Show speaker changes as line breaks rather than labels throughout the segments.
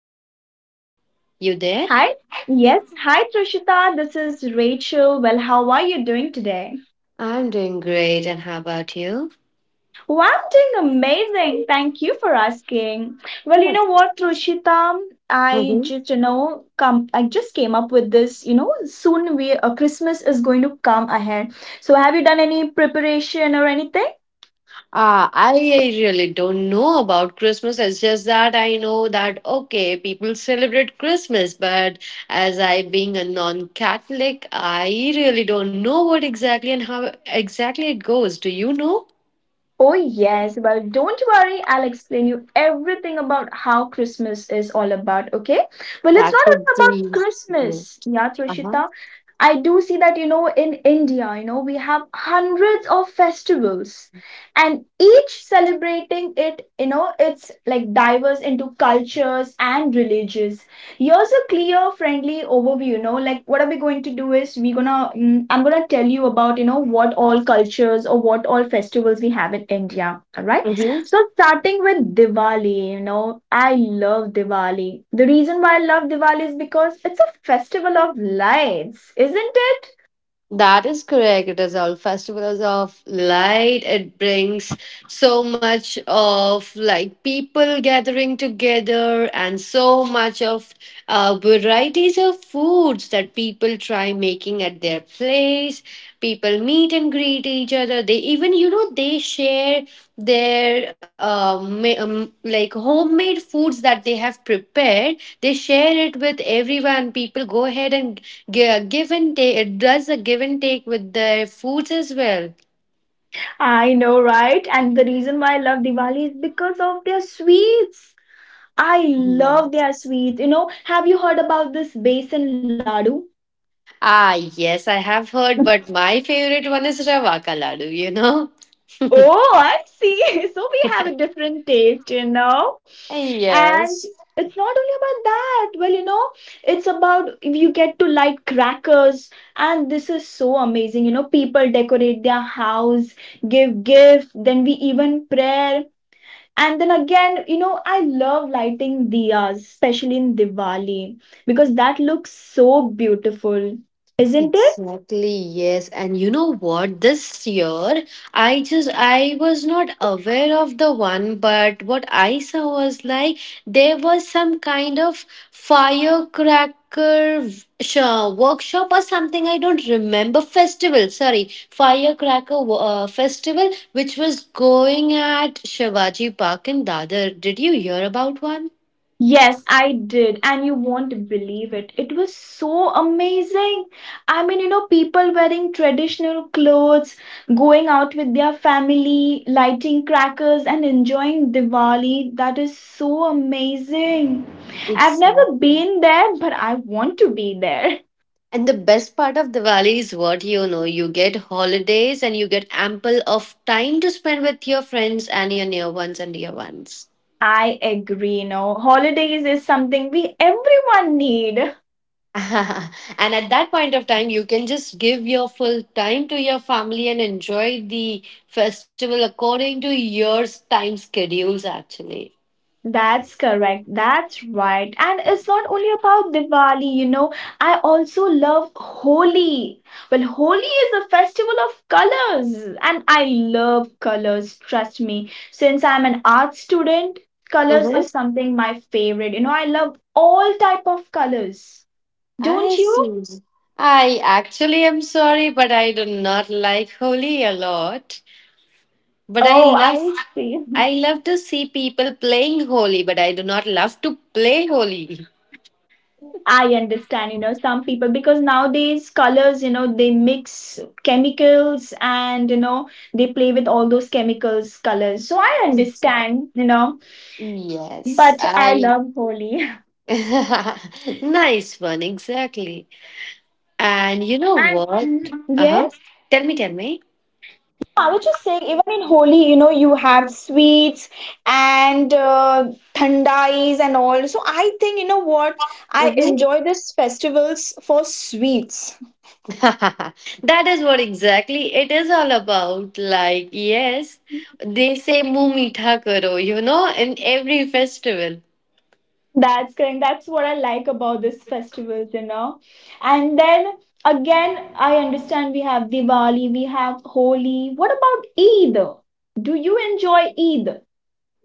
other side. You there?
Hi. Yes. Hi, Trishita. This is Rachel. Well, how are you doing today?
I'm doing great, and how about you?
Well, I'm doing amazing. Thank you for asking. Well, you know
Yes.
what, Rushita? I
Mm-hmm.
just, come. I just came up with this. You know, soon we Christmas is going to come ahead. So, have you done any preparation or anything?
I really don't know about Christmas. It's just that I know that, okay, people celebrate Christmas, but as I being a non-Catholic, I really don't know what exactly and how exactly it goes. Do you know?
Oh, yes. Well, don't worry. I'll explain you everything about how Christmas is all about, okay? Well, it's
That
not
would
only about
be. Mhm.
Christmas, yeah, Trishita. I do see that, you know, in India, we have hundreds of festivals, and each celebrating it, it's like diverse into cultures and religions. Here's a clear friendly overview, you know, like what are we going to do is I'm gonna tell you about, what all cultures or what all festivals we have in India, all right?
Uh-huh.
So starting with Diwali, you know, I love Diwali. The reason why I love Diwali is because it's a festival of lights, isn't it?
That is correct. It is all festivals of light. It brings so much of like people gathering together and so much of varieties of foods that people try making at their place. People meet and greet each other. They even, you know, they share their like homemade foods that they have prepared. They share it with everyone. People go ahead and give and take, it does a give and take with the foods as well.
I know, right? And the reason why I love Diwali is because of their sweets. I love their
Yes.
sweets, you know. Have you heard about this basin laddu?
Ah, yes, I have heard, but my favorite one is rava ka laddu.
Oh, I see. So we have a different taste, you know. And
Yes.
it's not only about that. Well, you know, it's about if you get to light crackers, and this is so amazing. You know, people decorate their house, give gift, then we even prayer. And then again, you know, I love lighting diyas, especially in Diwali, because that looks so beautiful, isn't it?
Exactly, yes. And you know what? This year, I was not aware of the one, but what I saw was like there was some kind of firecracker workshop or something. I don't remember. Festival, sorry. Firecracker festival, which was going at Shivaji Park in Dadar. Did you hear about one?
Yes, I did, and you won't believe it. It was so amazing. I mean, you know, people wearing traditional clothes, going out with their family, lighting crackers, and enjoying Diwali. That is so amazing. I've never
Exactly.
been there, but I want to be there.
And the best part of Diwali is, what, you know, you get holidays and you get ample of time to spend with your friends and your near ones and dear ones.
I agree, you know, holidays is something we everyone need.
And at that point of time, you can just give your full time to your family and enjoy the festival according to your time schedules, actually.
That's correct. That's right. And it's not only about Diwali, you know. I also love Holi. Well, Holi is a festival of colors, and I love colors, trust me. Since I'm an art student, colors is
Mm-hmm.
something my favorite. You know, I love all type of colors. Don't
I
you?
see. I actually am sorry, but I do not like Holi a lot. But I
Oh,
love
I see.
I love to see people playing Holi, but I do not love to play Holi.
I understand, you know, some people because nowadays colors, you know, they mix chemicals, and you know they play with all those chemicals colors. So I
Exactly.
understand, you know,
Yes,
but I
I
love Holi.
nice one, exactly. And you know what? Uh-huh.
Yes.
Tell me, tell me. That is what exactly it is all about. Like, yes, they say "Muh meetha karo", in every festival.
That's correct. That's what I like about this festivals, you know. And then again, I understand we have Diwali, we have Holi. What about Eid? Do you enjoy Eid?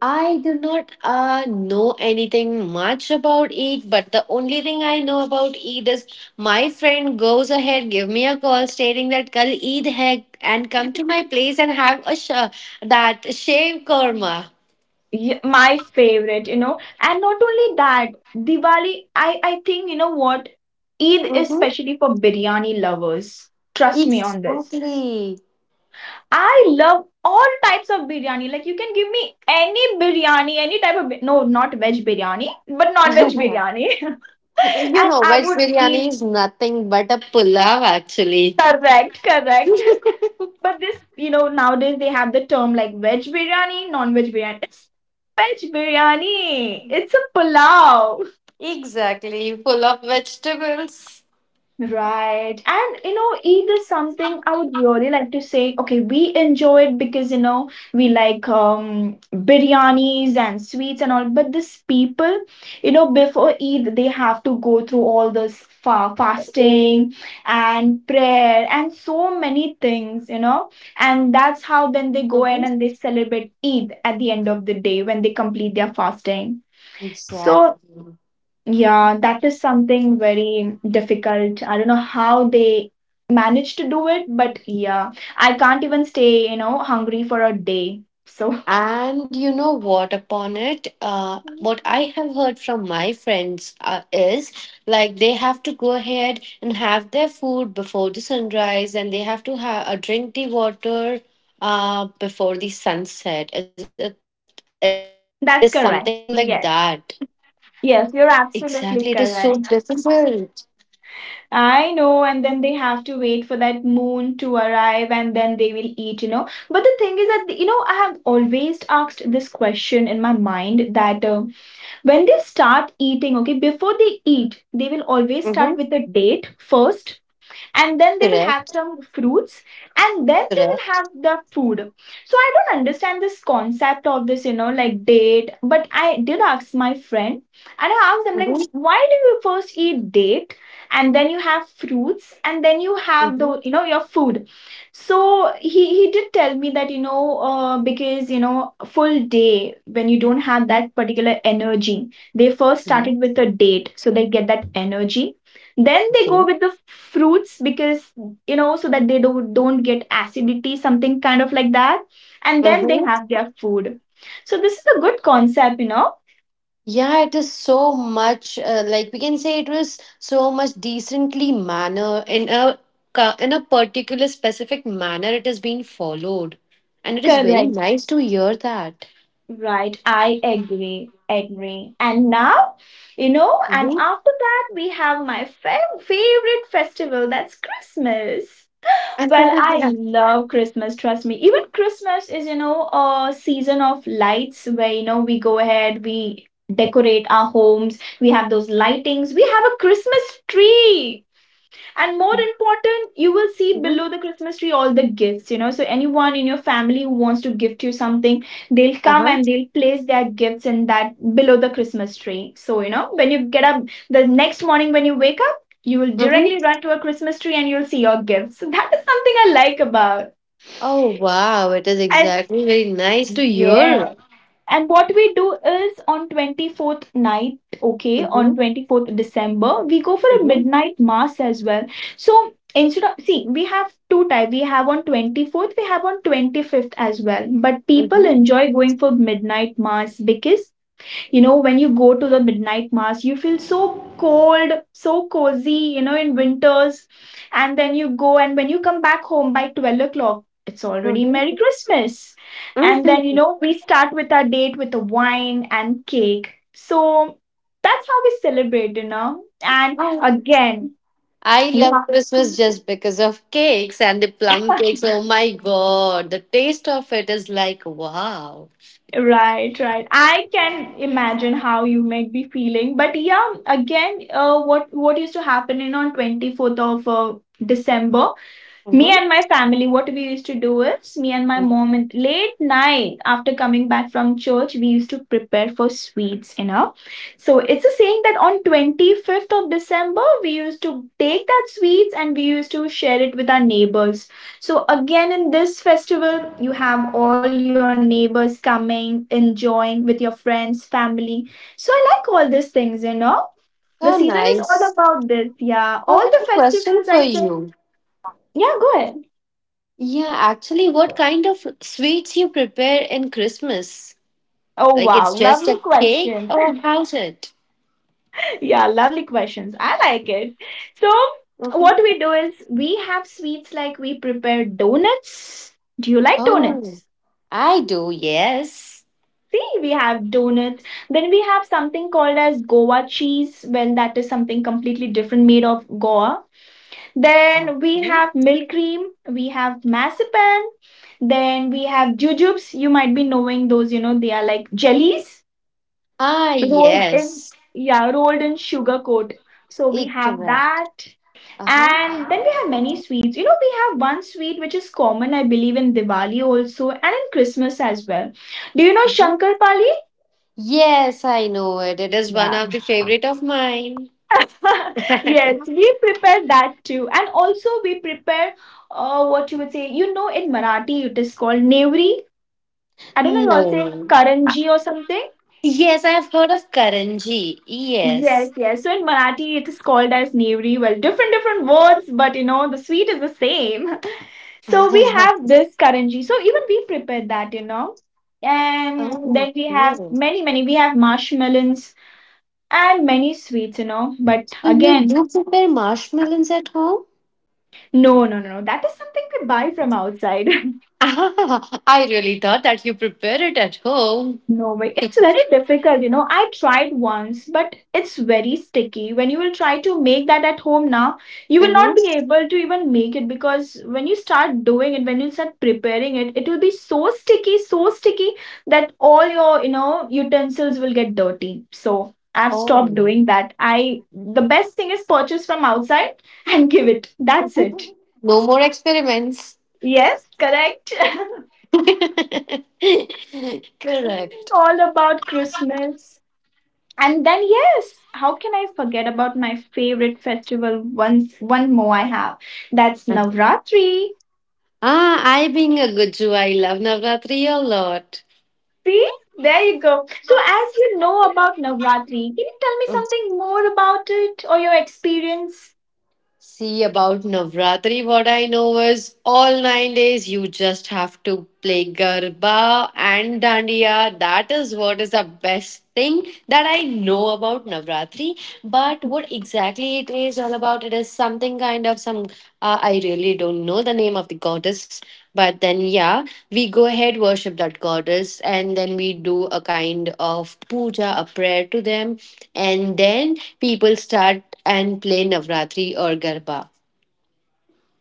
I do not know anything much about Eid, but the only thing I know about Eid is my friend goes ahead, give me a call stating that Kal Eid hai and come to my place and have a that shave korma.
My favorite, you know. And not only that, Diwali, I think, you know what? Eid is
Mm-hmm.
especially for biryani lovers. Trust me on this.
Exactly.
I love all types of biryani. Like you can give me any biryani, any type of no, not veg biryani, but non-veg biryani.
You
And
know,
I
veg
would
biryani
eat
is nothing but a pulao, actually.
correct, correct. But this, you know, nowadays they have the term like veg biryani, non-veg biryani. It's veg biryani. It's a pulao.
Exactly, full of vegetables.
Right. And you know, Eid is something I would really like to say, okay, we enjoy it because you know, we like biryanis and sweets and all, but this people, you know, before Eid they have to go through all this fa fasting and prayer and so many things, you know. And that's how then they go ahead
Mm-hmm.
and they celebrate Eid at the end of the day when they complete their fasting. So
Exactly.
yeah, that is something very difficult. I don't know how they manage to do it, but yeah, I can't even stay, you know, hungry for a day. So
And you know what, upon it, what I have heard from my friends is like they have to go ahead and have their food before the sunrise, and they have to have, drink the water before the sunset. Is it is something like that.
that's correct. Yes.
Exactly, it is
Yes,
so
you're absolutely
difficult.
correct. I know, and then they have to wait for that moon to arrive and then they will eat, you know. But the thing is that, you know, I have always asked this question in my mind that when they start eating, okay, before they eat, they will
Mm-hmm.
always start with a date first, and then they will have some fruits, and then they
Correct.
will have the food. So I don't understand this concept of this, you know, like date, but I did ask my friend, and I asked
Mm-hmm.
them like, why do you first eat date, and then you have fruits, and then you
Mm-hmm.
have the you know your food. So he did tell me that, you know, because you know full day when you don't have
Hmm.
that particular energy, they first started with a date so they get that energy, then they
Okay.
go with the fruits because, you know, so that they don't get acidity, something kind of like that. And then
Mm-hmm.
they have their food. So this is a good concept, you know.
Yeah, it is so much. Like we can say, it was so much decently manner in a in a particular specific manner. It is being followed, and it is very
Correct.
nice to hear that.
Right. I agree. Agree. And now, you know, and
Mm-hmm.
after that we have my favorite festival, that's Christmas. Well, I love Christmas, trust me. Even Christmas is, you know, a season of lights where, you know, we go ahead, we decorate our homes, we have those lightings, we have a Christmas tree, and more important, you will see
Mm-hmm.
below the Christmas tree all the gifts, you know. So anyone in your family who wants to gift you something, they'll come
Uh-huh.
and they'll place their gifts in that below the Christmas tree. So you know, when you get up the next morning, when you wake up, you will
Mm-hmm.
directly run to a Christmas tree and you'll see your gifts. So that is something I like about.
Oh wow, it is
And
exactly very nice to hear.
yeah, and what we do is on 24th night, okay, on
Mm-hmm.
24th December, we go for a
Mm-hmm.
midnight mass as well. So instead of, see, we have two type. We have on 24th, we have on 25th as well. But people
Mm-hmm.
enjoy going for midnight mass because, you know, when you go to the midnight mass you feel so cold, so cozy, you know, in winters. And then you go, and when you come back home by 12 o'clock, it's already Merry
Mm-hmm.
Christmas. And then, you know, we start with our date with a wine and cake. So that's how we celebrate, you know. And
Mm-hmm.
again,
I
you have
love Christmas just because of cakes and the plum cakes. Oh my god, the taste of it is like wow.
right, right. I can imagine how you might be feeling, but yeah, again, what used to happen in on 24th of December, me
Mm-hmm.
and my family, what we used to do is, me and my mom, late night after coming back from church, we used to prepare for sweets, you know. So it's a saying that on 25th of December, we used to take that sweets and we used to share it with our neighbors. So again, in this festival, you have all your neighbors coming, enjoying with your friends, family. So I like all these things, you know. The
So
season is all
nice.
about this, yeah.
I
All
have a
the
question
festivals,
for
I think.
you.
Yeah, go ahead.
Yeah, actually, what kind of sweets you prepare in Christmas?
Oh
Like,
wow,
it's just
lovely
a cake
question.
or how's it?
Yeah, lovely questions. I like it. So,
Hmm.
what we do is we have sweets like we prepare donuts. Do you like
Oh,
donuts?
I do, yes.
See, we have donuts. Then we have something called as Goa cheese. Well, that is something completely different made of Goa. Then we
Okay.
have milk cream. We have marzipan. Then we have jujubes. You might be knowing those, you know, they are like jellies.
Ah,
rolled in
yes.
yeah Rolled in sugar coat, so we
It
have
correct.
that.
Uh-huh.
And then we have many sweets, you know. We have one sweet which is common, I believe, in Diwali also, and in Christmas as well. Do you know
Mm-hmm.
Shankarpali?
Yes, I know it. It is one
Yeah.
of the favorite of mine.
Yes, we prepare that too. And also we prepare, what you would say, you know, in Marathi it is called nevri. I don't know, you all say
No.
karanji or something.
Yes, I have heard of Karanji. Yes.
Yes, yes. So in Marathi, it is called as Nevri. Well, different, different words, but you know, the sweet is the same. So we have this Karanji. So even we prepare that, you know. And
Oh,
then we
great. So
have many, many. We have marshmallows and many sweets, you know. But
you
again,
do prepare marshmallows at home?
no, no, no, no. That is something we buy from outside.
Ah, I really thought that you prepare it at home.
No way. It's very difficult, you know. I tried once, but it's very sticky. When you will try to make that at home now, you will not
Mhm.
be able to even make it because when you start doing it, when you start preparing it, it will be so sticky that all your, you know, utensils will get dirty. So I've stopped
Oh.
doing that. I The best thing is purchase from outside and give it. That's it.
No more experiments.
Yes, correct.
Correct.
All about Christmas. And then yes, how can I forget about my favorite festival once one more I have. That's
Uh-huh.
Navratri.
Ah, I being a Gujju, I love Navratri a lot.
See? There you go. So as you know about Navratri, can you tell me something more about it or your experience?
See, about Navratri, what I know is all 9 days you just have to play Garba and Dandiya. That is what is the best thing that I know about Navratri. But what exactly it is all about, it is something kind of some, I really don't know the name of the goddess, but then yeah, we go ahead worship that goddess, and then we do a kind of puja, a prayer to them, and then people start and play Navratri or Garba,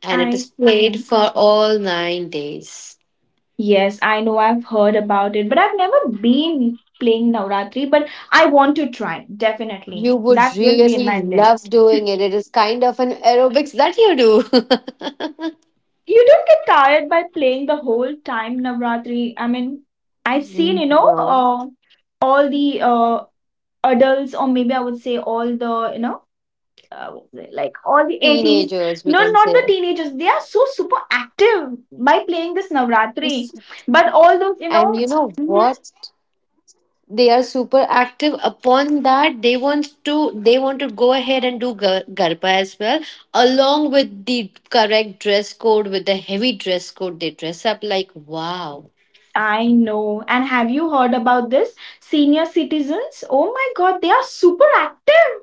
and it
I
is played
see.
for all 9 days.
Yes, I know I've heard about it, but I've never been playing Navratri, but I want to try, definitely.
You
That
would
will be in
really
my
love
list.
doing it. It is kind of an aerobics that you do.
You don't get tired by playing the whole time Navratri. I mean, I've seen,
No,
all the adults, or maybe I would say all the, what is it, like all
teenagers,
the
we can
80s.
say.
No, not the teenagers. They are so super active by playing this Navratri. But all
And you
those,
know what?
mm-hmm,
They are super active, upon that they want to go ahead and do garba as well, along with the correct dress code. With the heavy dress code, they dress up like, wow.
I know. And have you heard about this? Senior citizens? Oh my god, they are super active.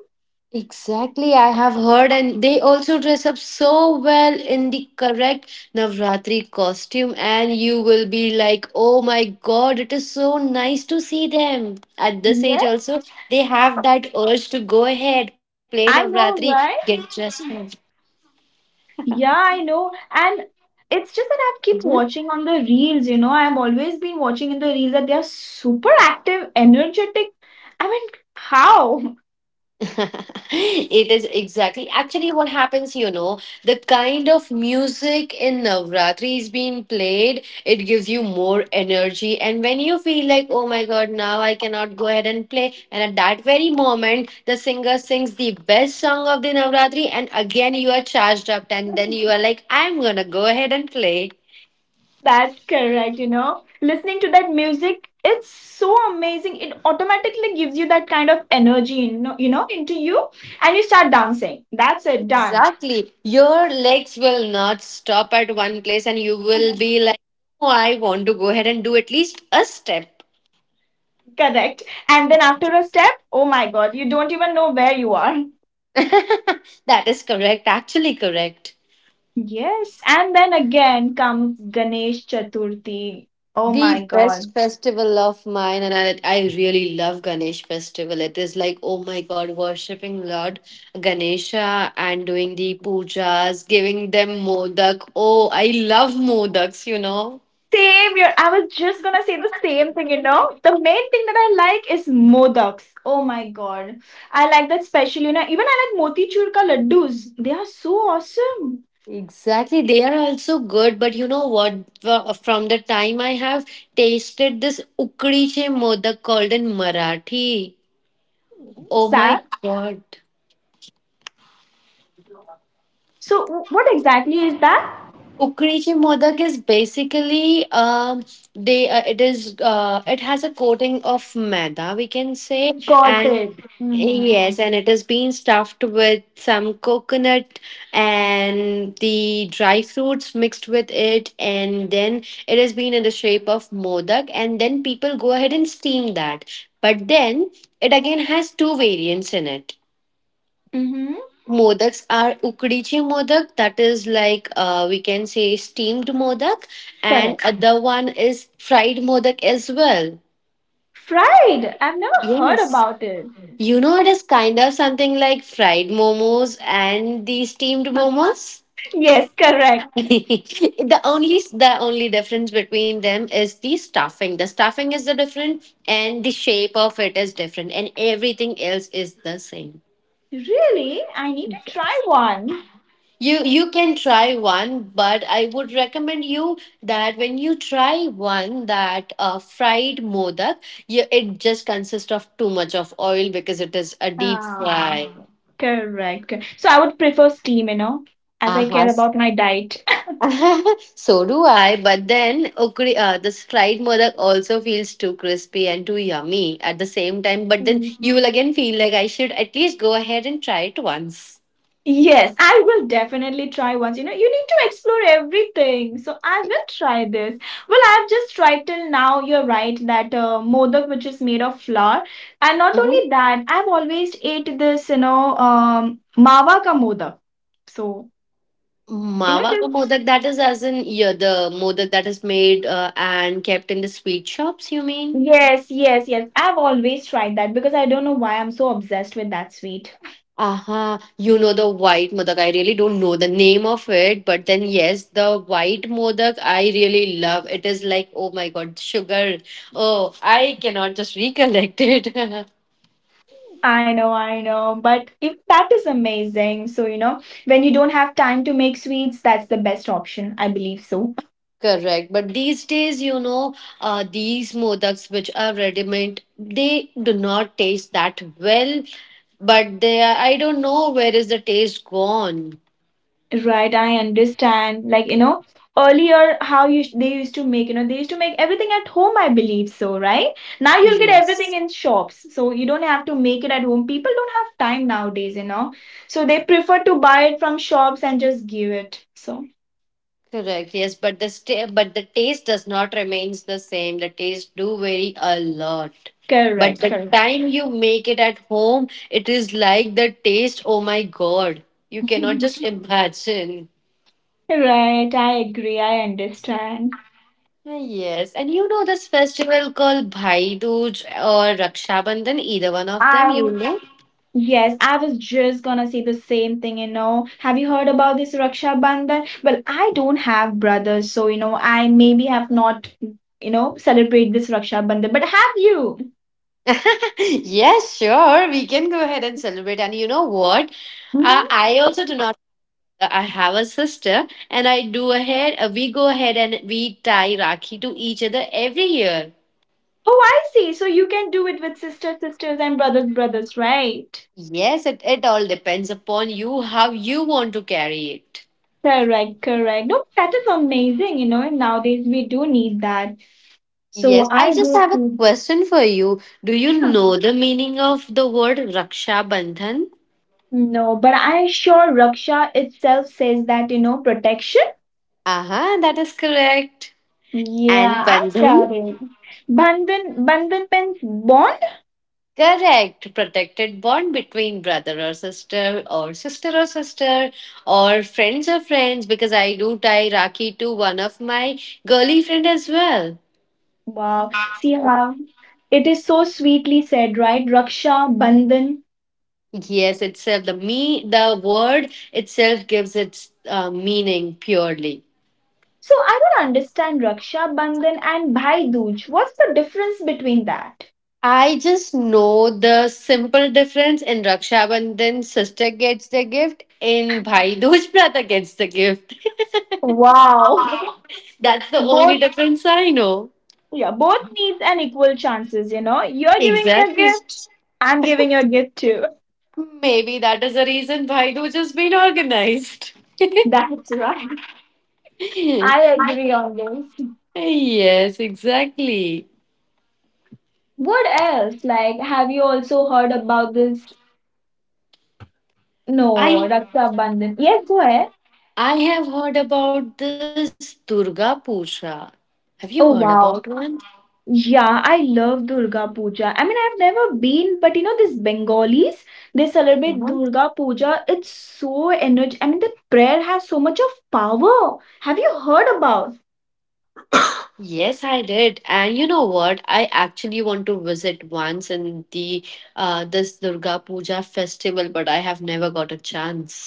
Exactly, I have heard, and they also dress up so well in the correct Navratri costume, and you will be like, oh my god, it is so nice to see them. At this age,
Yes,
also, they have that urge to go ahead, play
I
Navratri,
know,
get
right?
dressed up.
Yeah, I know. And it's just that I
Mhm.
keep watching on the reels, you know. I've always been watching in the reels that they are super active, energetic. I mean, how?
It is exactly actually what happens, the kind of music in Navratri is being played, it gives you more energy. And when you feel like, oh my god, now I cannot go ahead and play, and at that very moment the singer sings the best song of the Navratri, and again you are charged up, and then you are like, I'm gonna go ahead and play.
That's correct, you know. Listening to that music, it's so amazing. It automatically gives you that kind of energy, into you, and you start dancing. That's it, done.
Exactly. Your legs will not stop at one place and you will be like, oh, I want to go ahead and do at least a step.
Correct. And then after a step, oh my God, you don't even know where you are.
That is correct. Actually, correct.
Yes. And then again comes Ganesh Chaturthi. Oh
The
my God.
best festival of mine, and I really love Ganesh festival. It is like, oh my God, worshipping Lord Ganesha and doing the pujas, giving them modak. Oh, I love modaks, you know.
Same here. I was just gonna say the same thing, you know. The main thing that I like is modaks. Oh my god. I like that special, you know. Even I like motichur ka laddus. They are so awesome.
Exactly. They are also good, but you know what? From the time I have tasted this ukdi che modak called in Marathi,
What's
oh my
that?
god.
So what exactly is that?
Ukrechi modak is basically, they it is it has a coating of maida, we can say.
Got
And
it. Mm-hmm.
yes, and it is being stuffed with some coconut and the dry fruits mixed with it, and then it has been in the shape of modak, and then people go ahead and steam that. But then it again has two variants in it.
Mm-hmm.
Modaks are ukdichi modak, that is like, we can say, steamed modak, and
Correct.
other one is fried modak as well.
Fried. I've never heard
Yes.
about it.
You know, it is kind of something like fried momos and the steamed momos.
Yes, correct.
The only difference between them is the stuffing. The stuffing is the different, and the shape of it is different, and everything else is the same.
Really? I need to try one.
You can try one, but I would recommend you that when you try one that fried modak, it just consists of too much of oil because it is a deep
Ah,
fry.
correct. So I would prefer steam, you know, as I
Aha.
care about my diet.
So do I, but then okay, this fried modak also feels too crispy and too yummy at the same time. But then
Mm,
you will again feel like I should at least go ahead and try it once.
yes, I will definitely try once. You know, you need to explore everything. So I will try this. Well, I've just tried till now. You're right that modak, which is made of flour, and not
Mm-hmm.
only that, I've always ate this. Mawa ka modak. So you know
Mawa
this.
ka modak, that is as in yeah, the modak that is made and kept in the sweet shops, you mean?
Yes, yes, yes. I've always tried that because I don't know why I'm so obsessed with that sweet.
Aha, you know, the white modak. I really don't know the name of it, but then yes, the white modak I really love. It is like, oh my god, sugar. Oh, I cannot just recollect it.
I know, but if that is amazing. So, you know, when you don't have time to make sweets, that's the best option. I believe so.
Correct. But these days, these modaks which are ready-made, they do not taste that well. But I don't know where is the taste gone.
Right, I understand. Like, you know, earlier how you they used to make, you know, they used to make everything at home, I believe so, right? Now you'll get everything
Yes.
in shops. So, you don't have to make it at home. People don't have time nowadays, you know. So, they prefer to buy it from shops and just give it. So,
Correct. Yes, but the taste does not remains the same. The taste do vary a lot. But
correct,
the
correct.
time you make it at home, it is like the taste. Oh my God, you cannot just imagine.
Right, I agree. I understand.
Ah, yes, and you know this festival called Bhai Dooj or Raksha Bandhan, either one of them, you
I
know?
yes, I was just gonna say the same thing, you know. Have you heard about this Raksha Bandhan? Well, I don't have brothers, so you know, I maybe have not, you know, celebrate this Raksha Bandhan, but have you?
Yes, sure, we can go ahead and celebrate. And you know what?
Hmm.
I also do not. I have a sister, and I do ahead. We go ahead and we tie Rakhi to each other every year.
Oh, I see. So you can do it with sister sisters and brothers brothers, right?
Yes, it all depends upon you how you want to carry it.
Correct, correct. No, that is amazing, you know. Nowadays we do need that.
Yes,
So
I
I
just
do
have a
see.
question for you. Do you know the meaning of the word Raksha Bandhan?
No, but I sure Raksha itself says that, you know, protection.
Aha, that is correct.
Yeah,
And
I got
Bandhan?
it. Bandhan Bandhan means bond?
Correct. Protected bond between brother or sister, or sister or sister, or friends, because I do tie Rakhi to one of my girly friend as well.
Wow. See how it is so sweetly said, right? Raksha Bandhan.
Yes, itself the word itself gives its meaning purely.
So I don't understand Raksha Bandhan and Bhai Dooj. What's the difference between that?
I just know the simple difference in Raksha Bandhan, sister gets the gift. In Bhai Dooj, brother gets the gift.
Wow.
That's the only
Both
difference I know.
yeah, both needs an equal chances, you know. You're giving me a
Exactly.
gift, I'm giving you a gift too.
Maybe that is the reason Baidu just been organized.
That's right. I agree on this.
Yes, exactly.
What else? Like, have you also heard about this? No,
I
Raksabandhan. Yes, go ahead.
I have heard about this Durga Puja. Have you heard
Oh
about
wow.
one?
Yeah, I love Durga Puja. I mean, I've never been, but you know, these Bengalis, they celebrate
Uh-huh.
Durga Puja. It's so energetic. I mean, that prayer has so much of power. Have you heard about?
Yes, I did. And you know what? I actually want to visit once in the this Durga Puja festival, but I have never got a chance.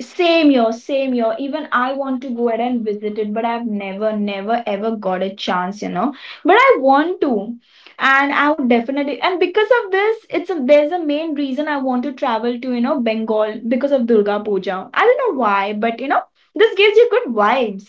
Same year, same year. Even I want to go ahead and visit it, but I've never, never, ever got a chance, you know. But I want to, and I would definitely. And because of this, it's a, there's a main reason I want to travel to, you know, Bengal because of Durga Puja. I don't know why, but you know, this gives you good vibes.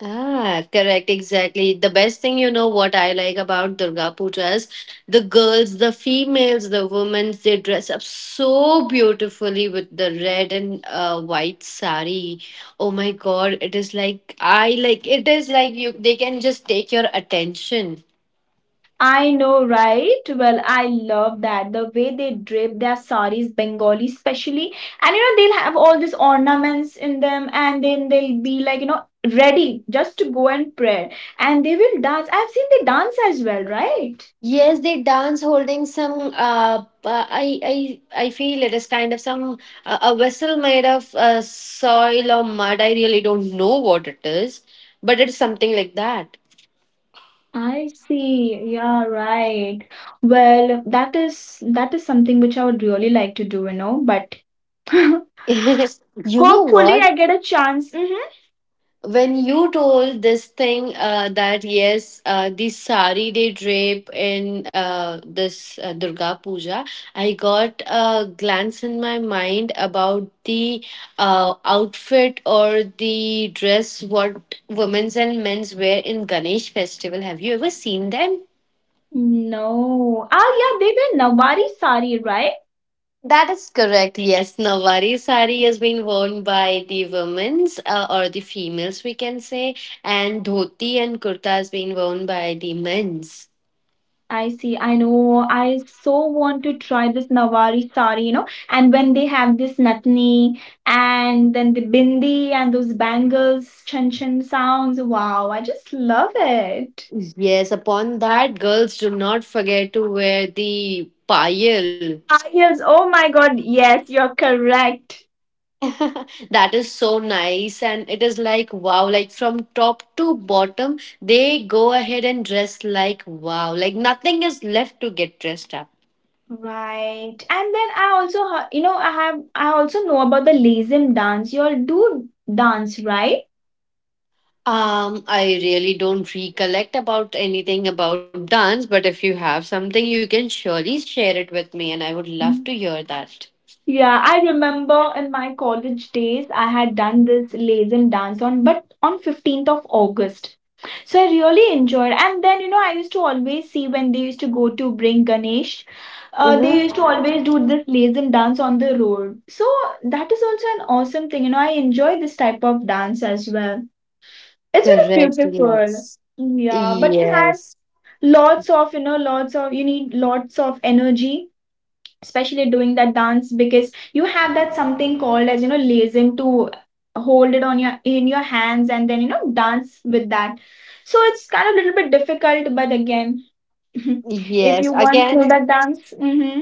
Ah, correct, exactly. The best thing you know what I like about Durga Puja is the girls, the females, the women, they dress up so beautifully with the red and white sari. Oh my God, it is like I like it is like you they can just take your attention.
I know, right? Well, I love that. The way they drape their saris, Bengali especially. And you know, they'll have all these ornaments in them and then they'll be like, you know, ready just to go and pray. And they will dance. I've seen they dance as well, right?
Yes, they dance holding some. I feel it is kind of some a vessel made of soil or mud. I really don't know what it is, but it's something like that.
I see. Yeah, right. Well, that is something which I would really like to do, you know, but
You know
hopefully
what?
I get a chance. Hmm.
When you told this thing that yes the sari they drape in this Durga Puja, I got a glance in my mind about the outfit or the dress what women's and men's wear in Ganesh festival. Have you ever seen them?
No. Ah, yeah, they wear Nawari sari, right?
That is correct. Yes, Nawari sari has been worn by the women's or the females, we can say, and dhoti and kurta has been worn by the men's.
I see. I know. I so want to try this Nawari sari, you know. And when they have this Natni and then the Bindi and those bangles, chan chan sounds. Wow, I just love it.
Yes, upon that, girls do not forget to wear the payal.
Ah, yes. Oh my God. Yes, you're correct.
That is so nice, and it is like wow, like from top to bottom, they go ahead and dress like wow, like nothing is left to get dressed up.
Right. And then I also, you know, I have, I also know about the Lazim dance. You all do dance, right?
I really don't recollect about anything about dance, but if you have something, you can surely share it with me, and I would love to hear that.
Yeah, I remember in my college days, I had done this Lazen dance on, but on 15th of August. So I really enjoyed. And then, you know, I used to always see when they used to go to bring Ganesh,
Mm-hmm.
they used to always do this Lazen dance on the road. So that is also an awesome thing. You know, I enjoy this type of dance as well. It's very
Correct,
beautiful.
yes.
Yeah, but it has
Yes,
lots of, you know, lots of, you need lots of energy especially doing that dance because you have that something called as you know lazim to hold it on your in your hands and then you know dance with that, so it's kind of a little bit difficult but again if
yes.
you once
Again,
know that dance. Hmm.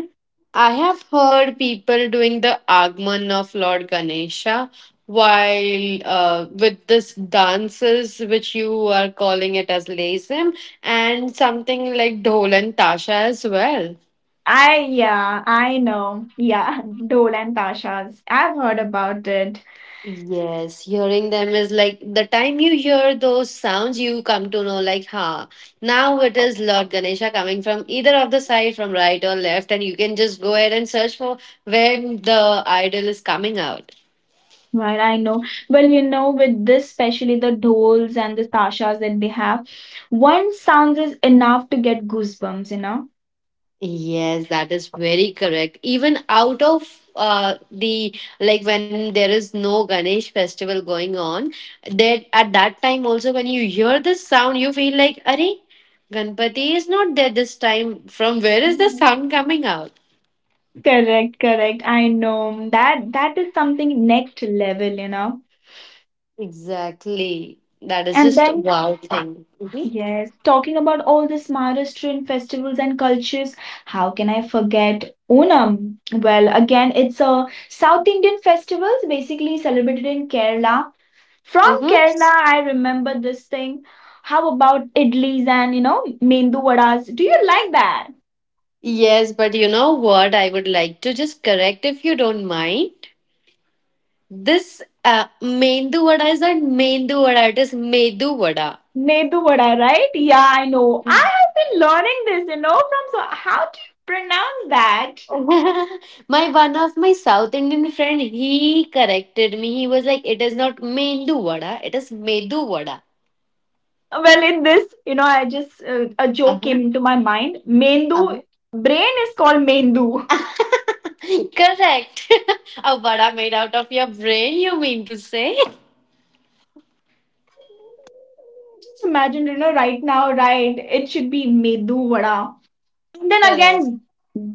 I have heard people doing the Agman of Lord Ganesha while with this dances which you are calling it as lasim, and something like dhol and tasha as well.
I yeah I know yeah dole and tashas I've heard about it.
Yes, hearing them is like the time you hear those sounds, you come to know, like, ha, now it is Lord Ganesha coming from either of the side, from right or left, and you can just go ahead and search for where the idol is coming out.
Well I know, well you know with this especially the doles and the tashas that they have, one sound is enough to get goosebumps you know.
Yes, that is very correct. Even out of the like when there is no Ganesh festival going on, that at that time also when you hear this sound, you feel like, "Arey, Ganpati is not there this time. From where is the sound coming out?"
Correct, correct. I know that that is something next level, you know.
Exactly. That is
And
just
then,
wow thing. Mhm.
yes, talking about all these Maharashtrian festivals and cultures, how can I forget Onam? Well, again, it's a South Indian festival, basically celebrated in Kerala. From
Mhm.
Kerala, I remember this thing. How about idlis and you know, mendu vadas? Do you like that?
Yes, but you know what? I would like to just correct if you don't mind. This Mendu vada is not Mendu vada, it is Medu vada.
Nedu vada, right? Yeah, I know. I have been learning this, you know, from so how do you pronounce that?
my one of my South Indian friend, he corrected me. He was like, "It is not Mendu vada, it is Medu vada."
Well, in this, you know, I just a joke
Uh-huh.
came into my mind. Mendu
Uh-huh.
brain is called Mendu.
Correct. A vada made out of your brain, you mean to say?
Just imagine, you know, right now, right? It should be Medu vada. Then
Correct.
again,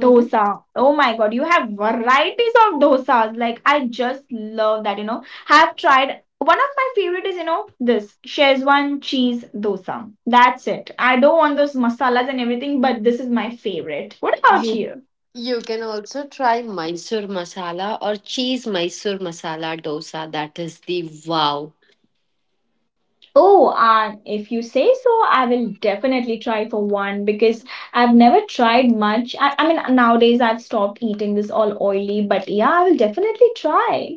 Mm-hmm.
Oh my god, you have varieties of dosas. Like I just love that, you know. I've tried one of my favorite is, you know, this Shezwan cheese dosa. That's it. I don't want those masalas and everything, but this is my favorite. What about
You
you?
you can also try Mysore masala or cheese Mysore masala dosa. That is the wow.
Oh, and if you say so, I will definitely try for one because I've never tried much. I mean, nowadays I've stopped eating this all oily, but yeah, I will definitely try.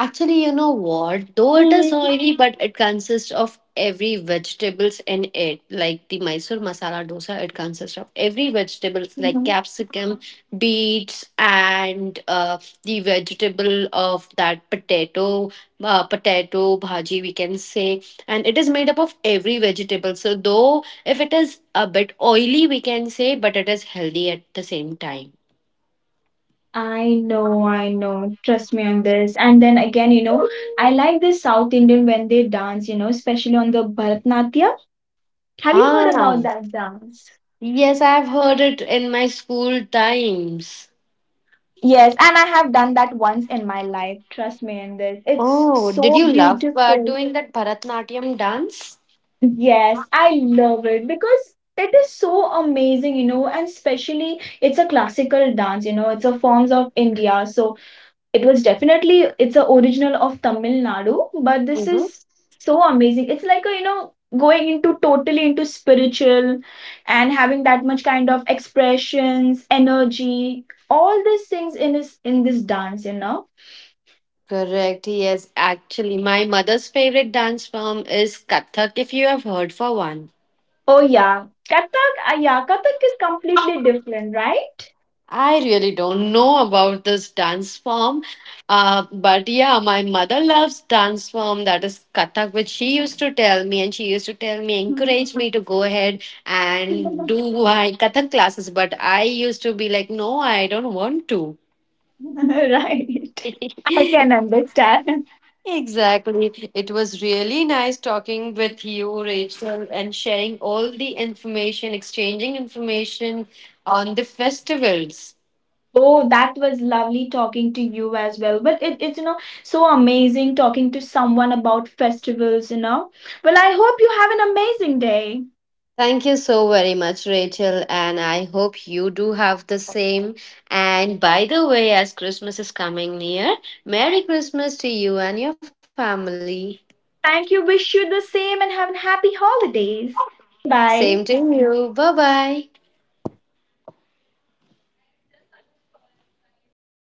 Actually, you know what? Though it is oily, but it consists of every vegetables in it. Like the Mysore masala dosa, it consists of every vegetables like capsicum, beets, and the vegetable of that potato, potato bhaji, we can say. And it is made up of every vegetable. So though if it is a bit oily, we can say, but it is healthy at the same time.
I know, I know. Trust me on this. And then again, you know, I like the South Indian when they dance, you know, especially on the Bharatanatyam. Have you heard about
Ah.
that dance?
Yes, I've heard it in my school times.
Yes, and I have done that once in my life. Trust me on this. It's
Oh, did
so
you love
beautiful.
doing that Bharatnatyam dance?
Yes, I love it because it is so amazing, you know, and especially it's a classical dance, you know, it's a forms of India. So it was definitely it's a original of Tamil Nadu, but this is
Mm-hmm.
so amazing. It's like a, you know, going into totally into spiritual and having that much kind of expressions, energy, all these things in this dance, you know.
Correct, yes. Actually, my mother's favorite dance form is Kathak, if you have heard for one.
Oh yeah. Kathak, ah, yeah, Kathak is completely different, right?
I really don't know about this dance form, but yeah, my mother loves dance form that is Kathak, which she used to tell me, and she used to tell me, encourage me to go ahead and do my Kathak classes. But I used to be like, no, I don't want to.
Right. I can understand.
Exactly. It was really nice talking with you, Rachel, and sharing all the information, exchanging information on the festivals.
Oh, that was lovely talking to you as well. But it, it's, you know, so amazing talking to someone about festivals, you know. Well, I hope you have an amazing day.
Thank you so very much, Rachel, and I hope you do have the same. And by the way, as Christmas is coming near, Merry Christmas to you and your family.
Thank you. Wish you the same and have a happy holidays. Bye.
Same to you. Bye bye.